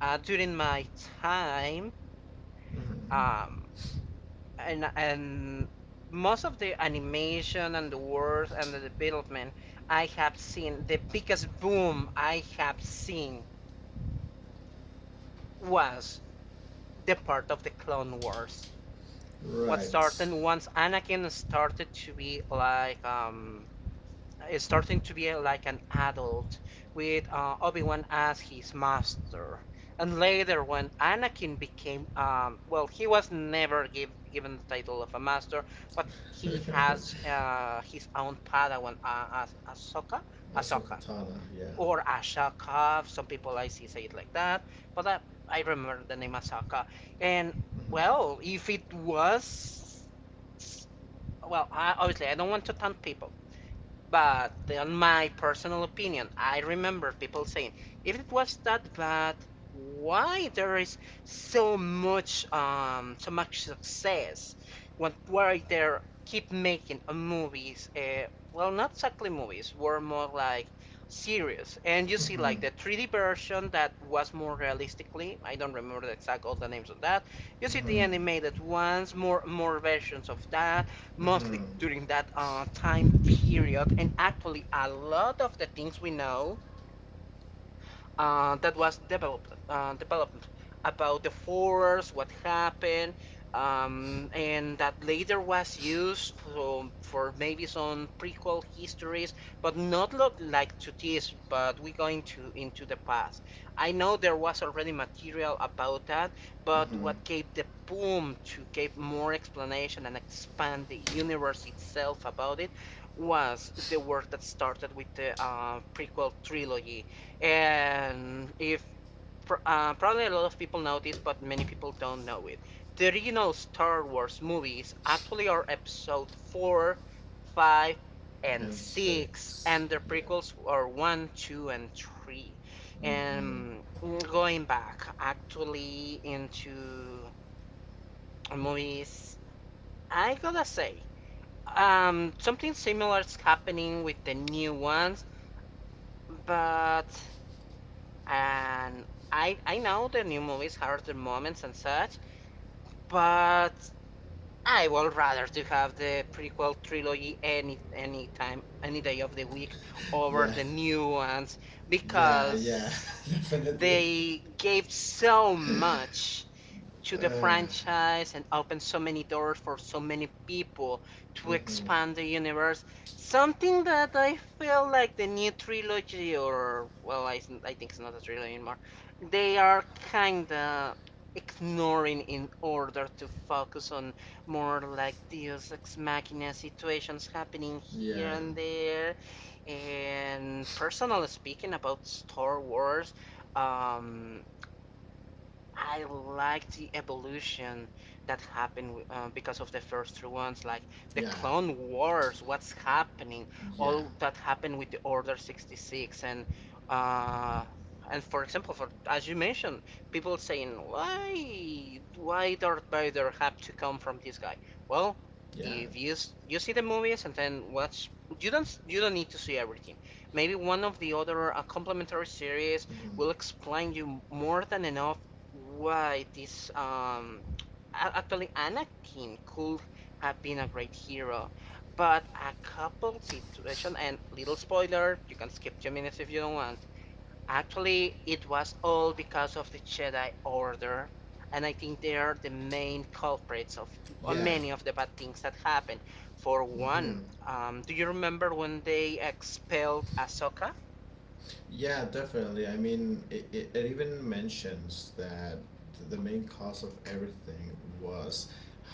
during my time, Mm-hmm. um, and most of the animation and the wars and the development I have seen, the biggest boom I have seen was the part of the Clone Wars. What Right. started once Anakin started to be like is starting to be like an adult with Obi-Wan as his master. And later when Anakin became well he was never given the title of a master, but he has his own Padawan as Ahsoka, Ahsoka Ahsoka Tana, yeah. or Ashoka. Some people I see say it like that, but I remember the name Ahsoka. And Mm-hmm. well, if it was well, I, obviously I don't want to taunt people, but in my personal opinion, I remember people saying, if it was that bad, why there is so much so much success? When why they keep making movies? Well, not exactly movies, were more like series. And you see, Mm-hmm. like the 3D version that was more realistically. I don't remember the exact all the names of that. You see the Mm-hmm. animated ones, more versions of that mostly Mm-hmm. during that time period. And actually, a lot of the things we know that was developed about the force, what happened, and that later was used for maybe some prequel histories, but not lot like to this. But we going to into the past. I know there was already material about that, but Mm-hmm. what gave the boom to give more explanation and expand the universe itself about it was the work that started with the prequel trilogy and if probably a lot of people know this, but many people don't know it. The original Star Wars movies actually are episode 4, 5, and And 6, six. and the Yeah. prequels are 1, 2, and 3. Mm-hmm. And going back actually into movies, I gotta say, something similar is happening with the new ones, but and I know the new movies have their moments and such, but I would rather to have the prequel trilogy any time any day of the week over Yeah. the new ones Yeah. Yeah. because Definitely. they gave so much to the Uh, franchise and open so many doors for so many people to mm-hmm. expand the universe. Something that I feel like the new trilogy, or well, I think it's not a trilogy anymore, they are kind of ignoring in order to focus on more like Deus Ex Machina situations happening here Yeah. and there. And personally speaking about Star Wars, um, I like the evolution that happened because of the first three ones, like the Yeah. Clone Wars, what's happening, Yeah. all that happened with the Order 66, and uh, for example, for as you mentioned, people saying why Darth Vader have to come from this guy? Well, Yeah. if you see the movies and then watch, you don't need to see everything. Maybe one of the other complementary series will Mm-hmm. explain you more than enough why it is actually Anakin could have been a great hero, but a couple situation and little spoiler, you can skip two minutes if you don't want. Actually, it was all because of the Jedi Order, and I think they are the main culprits of Yeah. many of the bad things that happened. For Mm-hmm. one, do you remember when they expelled Ahsoka Yeah, definitely. I mean, it even mentions that the main cause of everything was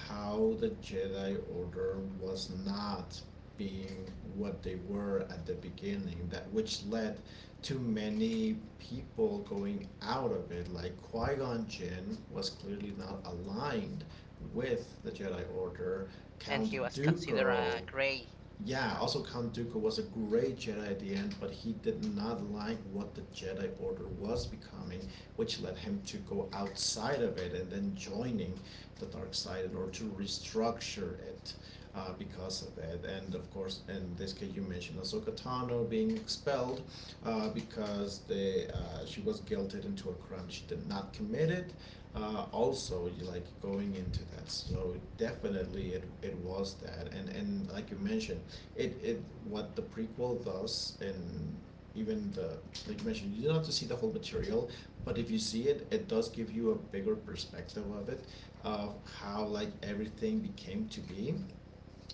how the Jedi Order was not being what they were at the beginning, that which led to many people going out of it. Like Qui Gon Jinn was clearly not aligned with the Jedi Order. and he Count was considered a Dooku. Grey? Yeah, also Count Dooku was a great Jedi at the end, but he did not like what the Jedi Order was becoming, which led him to go outside of it and then joining the dark side in order to restructure it because of it. And of course, in this case, you mentioned Ahsoka Tano being expelled because they she was guilted into a to a crime she did not commit it. Also, you like going into that, so definitely it was that, and like you mentioned, it what the prequel does, and even the, like you mentioned, you don't have to see the whole material, but if you see it, it does give you a bigger perspective of it, of how, like, everything became to be,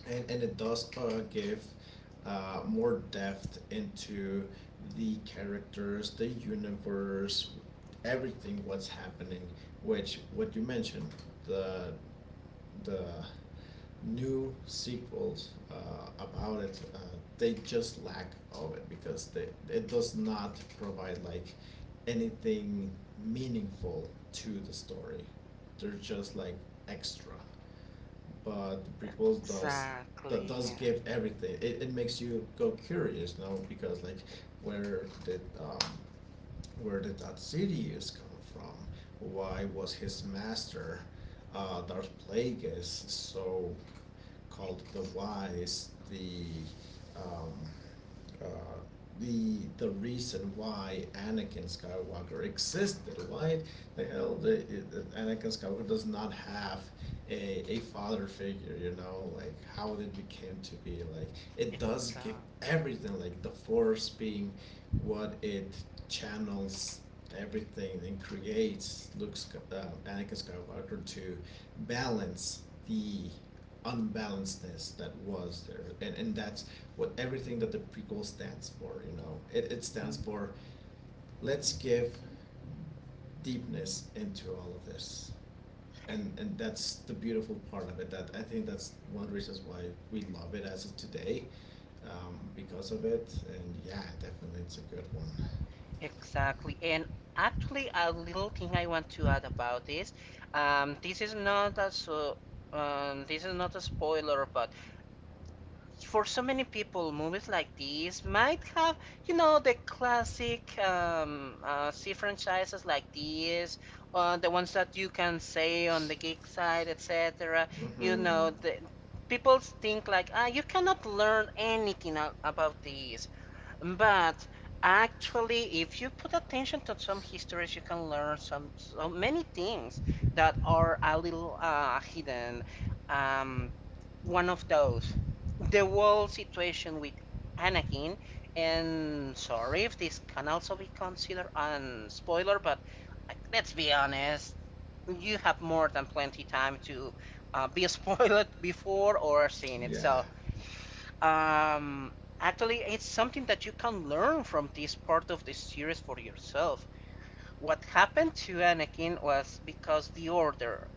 and it does give more depth into the characters, the universe, everything what's happening. Which, what you mentioned, the the new sequels about it, they just lack of it because they it does not provide like anything meaningful to the story. They're just like extra, but the prequels does, that Exactly, does yeah. give everything. It makes you go curious now, because, like, where did um, where did that Sidious come from? Why was his master Darth Plagueis so called the Ex- Wise, um, uh, the reason why Anakin Skywalker existed. Why the hell Anakin Skywalker does not have a father figure? You know, like how it became to be. Like, it does give exa- everything. Like the Force being what it channels everything, and creates Anakin Skywalker to balance the unbalancedness that was there, and that's what everything, that the prequel stands for. It stands mm, for, let's give deepness into all of this, and that's the beautiful part of it, that I think that's one of the reasons why we love it as of today because of it. And, yeah, definitely, it's a good one. Exactly. And actually, a little thing I want to add about this. This is not a so. This is not a spoiler, but for so many people, movies like these might have, you know, the classic C franchises like these, the ones that you can say on the geek side, etc. You Hmm. know, the people think like, ah, you cannot learn anything about these. But actually, if you put attention to some histories, you can learn some so many things that are a little hidden. Um, One of those, the whole situation with Anakin, and sorry if this can also be considered a spoiler, but like, let's be honest, you have more than plenty time to be spoiled before or seen it. Yeah. So um, actually, it's something that you can learn from this part of the series for yourself. What happened to Anakin was because the Order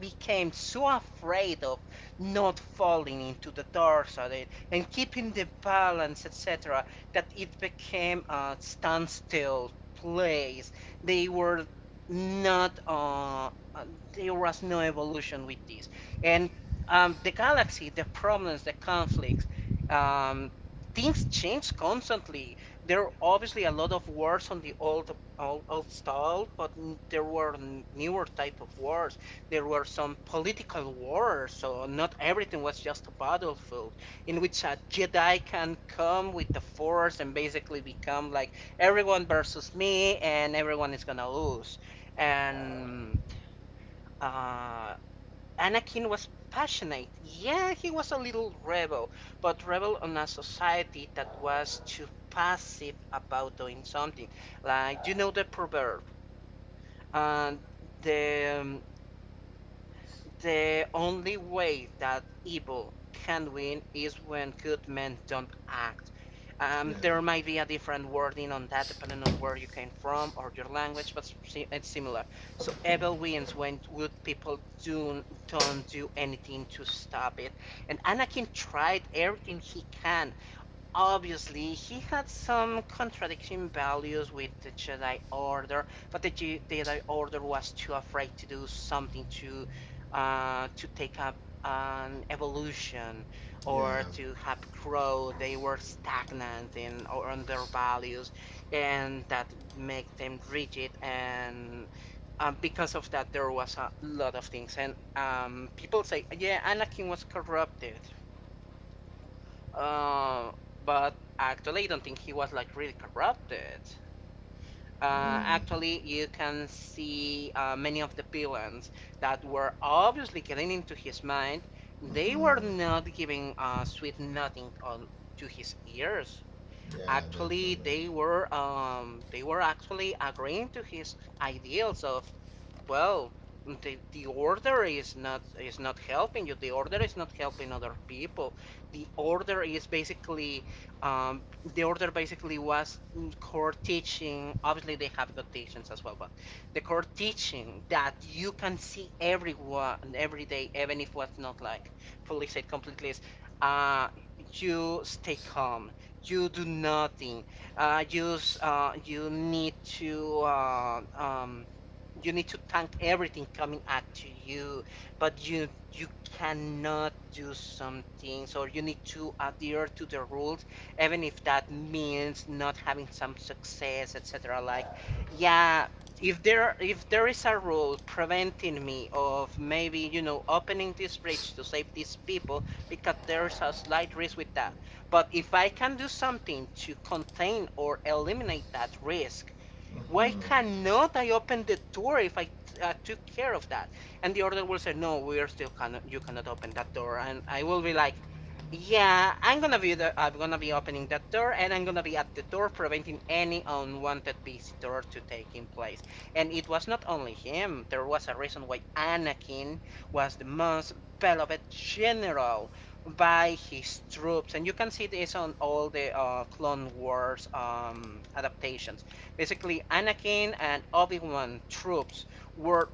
became so afraid of not falling into the doors of it and keeping the balance, etc., that it became a standstill place. They were not, there was no evolution with this. And the galaxy, the problems, the conflicts, um, things change constantly. There are obviously a lot of words on the old style, but there were newer type of words, there were some political wars, so not everything was just a battlefield in which a Jedi can come with the Force and basically become like everyone versus me, and everyone is gonna lose. And uh, Anakin was passionate. Yeah, he was a little rebel, but rebel on a society that was too passive about doing something. Like you know the proverb, and the only way that evil can win is when good men don't act. Yeah. There might be a different wording on that depending on where you came from or your language, but it's similar. So evil wins when good people don't do anything to stop it. And Anakin tried everything he can. Obviously, he had some contradicting values with the Jedi Order, but the Jedi Order was too afraid to do something to take up an evolution or Yeah. to have growth. They were stagnant in or on their values, and that make them rigid. And because of that, there was a lot of things. And people say, yeah, Anakin was corrupted. Um, but actually, I don't think he was like really corrupted. Mm-hmm. Actually, you can see many of the villains that were obviously getting into his mind. They were Mm-hmm. not giving sweet nothing on to his ears. Yeah, Actually, definitely. They were actually agreeing to his ideals of, well, the order is not helping you, the order is not helping other people, the order is basically um, the order basically was core teaching, obviously they have good teachings as well, but the core teaching that you can see everyone every day, even if what's not like fully said completely, is uh, you stay calm. You do nothing. Uh, you uh, you need to uh, um, you need to tank everything coming at you, but you cannot do some things or you need to adhere to the rules even if that means not having some success, etc. Like, yeah, if there is a rule preventing me of maybe, you know, opening this bridge to save these people because there's a slight risk with that, but if I can do something to contain or eliminate that risk, why Mm-hmm. cannot I open the door if I took care of that? And the order will say, no, we are still cannot, you cannot open that door. And I will be like, yeah, I'm gonna be opening that door, and I'm gonna be at the door preventing any unwanted visitor to taking place. And it was not only him. There was a reason why Anakin was the most beloved general by his troops, and you can see this on all the Clone Wars adaptations. Basically, Anakin and Obi-Wan troops were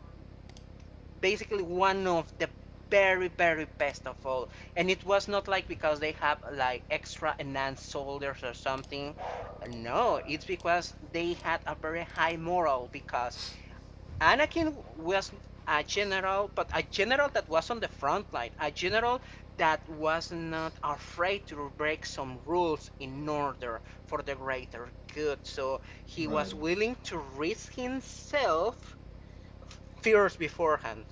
basically one of the very, very best of all. And it was not like because they have like extra enhanced soldiers or something. No, it's because they had a very high moral because Anakin was a general, but a general that was on the front line, a general that was not afraid to break some rules in order for the greater good. So he was Right, willing to risk himself first beforehand,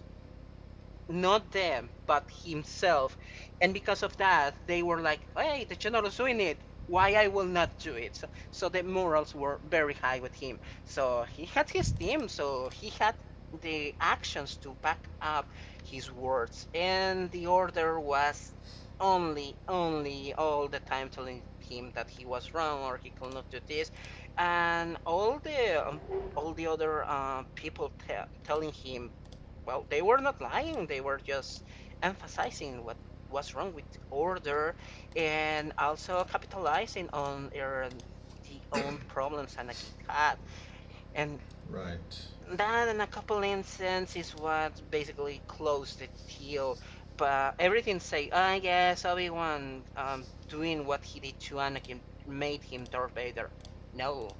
not them, but himself. And because of that, they were like, hey, the general's doing it. Why I will not do it? So the morals were very high with him. So he had his team, so he had the actions to back up his words. And the order was only all the time telling him that he was wrong or he could not do this. And all the other people telling him, well, they were not lying. They were just emphasizing what was wrong with order and also capitalizing on the own problems Anakit had. And right, that in a couple instances is what basically closed the deal. But everything say, yes, Obi Wan doing what he did to Anakin made him Darth Vader. No,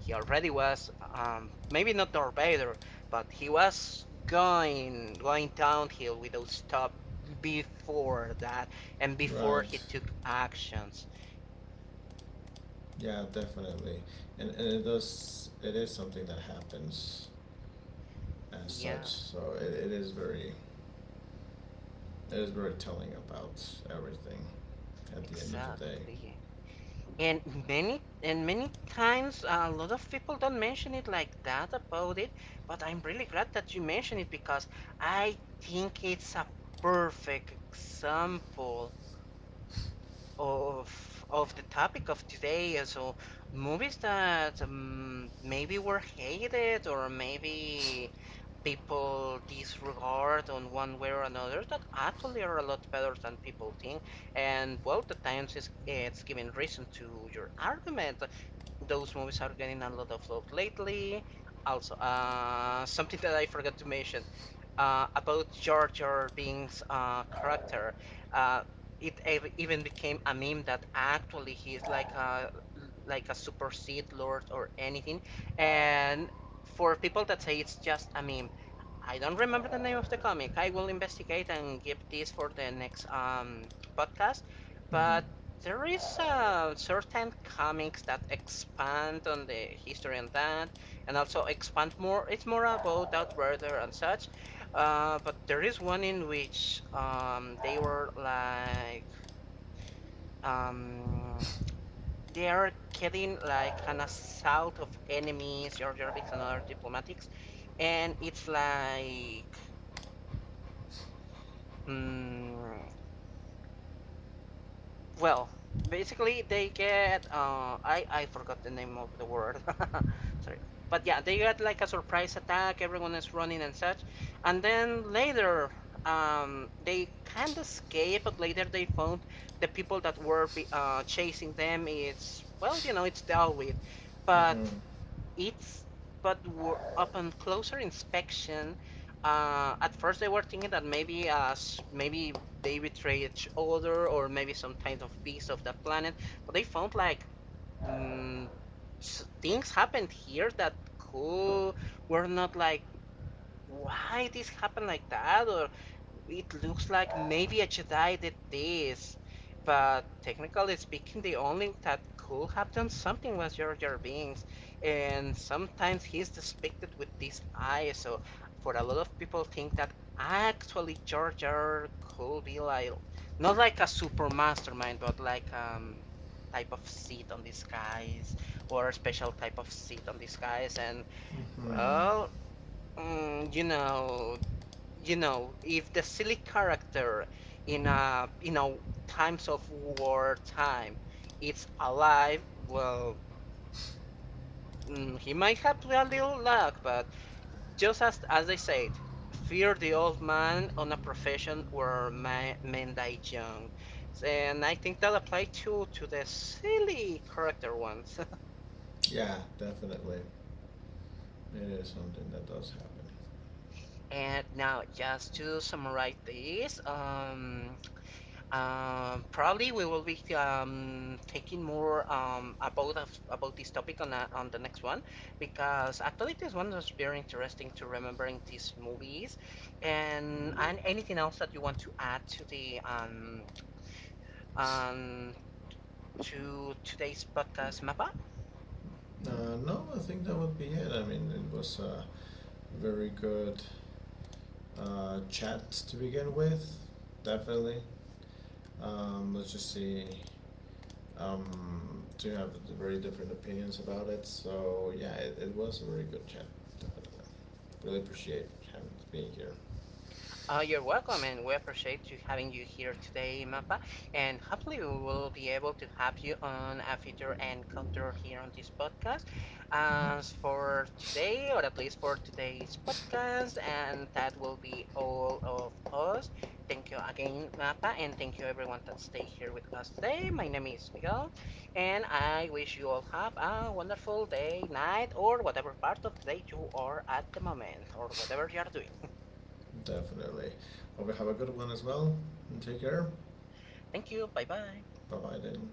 he already was maybe not Darth Vader, but he was going downhill without stop before that and before right. he took actions. Yeah, definitely. And it is something that happens as Yeah, such. So it is very telling about everything at the end of the day. exactly. And and many times a lot of people don't mention it like that about it, but I'm really glad that you mentioned it because I think it's a perfect example of the topic of today. So movies that maybe were hated or maybe people disregard on one way or another that actually are a lot better than people think. And well, the times is it's giving reason to your argument, those movies are getting a lot of love lately. Also, something that I forgot to mention about Jar Jar Binks' character. Uh, even became a meme that actually he is like a super Sith Lord or anything. And for people that say it's just a meme, I don't remember the name of the comic. I will investigate and give this for the next podcast. Mm-hmm. But there is certain comics that expand on the history and that, and also expand more. It's more about Darth Vader and such. But there is one in which um, they are getting like an assault of enemies, Jar Jar Binks and other diplomatics, and it's like. Mm, well, basically they get I forgot the name of the word. Sorry. But yeah, they get like a surprise attack, everyone is running and such. And then later they can't escape, but later they found the people that were chasing them. It's well, you know, it's dealt with. But it's but were, upon closer inspection, at first they were thinking that maybe maybe they betray each other or maybe some kind of piece of the planet, but they found like mm, things happened here that could were not like why this happened like that, or it looks like maybe a jedi did this, but technically speaking the only that could have done something was Jar Jar Binks, and sometimes he's depicted with this eye. So for a lot of people think that actually Jar Jar could be like not like a super mastermind but like type of seed on disguise or a special type of seed on disguise. And well, Mm, you know, you know, if the silly character in a, you know, times of war time is alive, well, he might have a little luck, but just as I said, fear the old man on a profession where ma men die young, and I think that applies to the silly character ones. Yeah, definitely. It is something that does happen. And now, just to summarize this. Probably we will be taking more about this topic on on the next one because actually this one was very interesting to remembering these movies. And anything else that you want to add to the um to today's podcast, Mappa? No, I think that would be it. I mean, it was a very good chat to begin with. Definitely. Let's just see. Do have very different opinions about it. So yeah, it was a very good chat. Definitely, really appreciate having being here. You're welcome, and we appreciate you having you here today, Mappa. And hopefully, we will be able to have you on a future encounter here on this podcast. Mm-hmm. As for today, or at least for today's podcast, and that will be all of us. Thank you again, Mappa, and thank you everyone that stayed here with us today. My name is Miguel, and I wish you all have a wonderful day, night, or whatever part of the day you are at the moment, or whatever you are doing. Definitely. Hope you have a good one as well, and take care. Thank you. Bye bye. Bye bye then.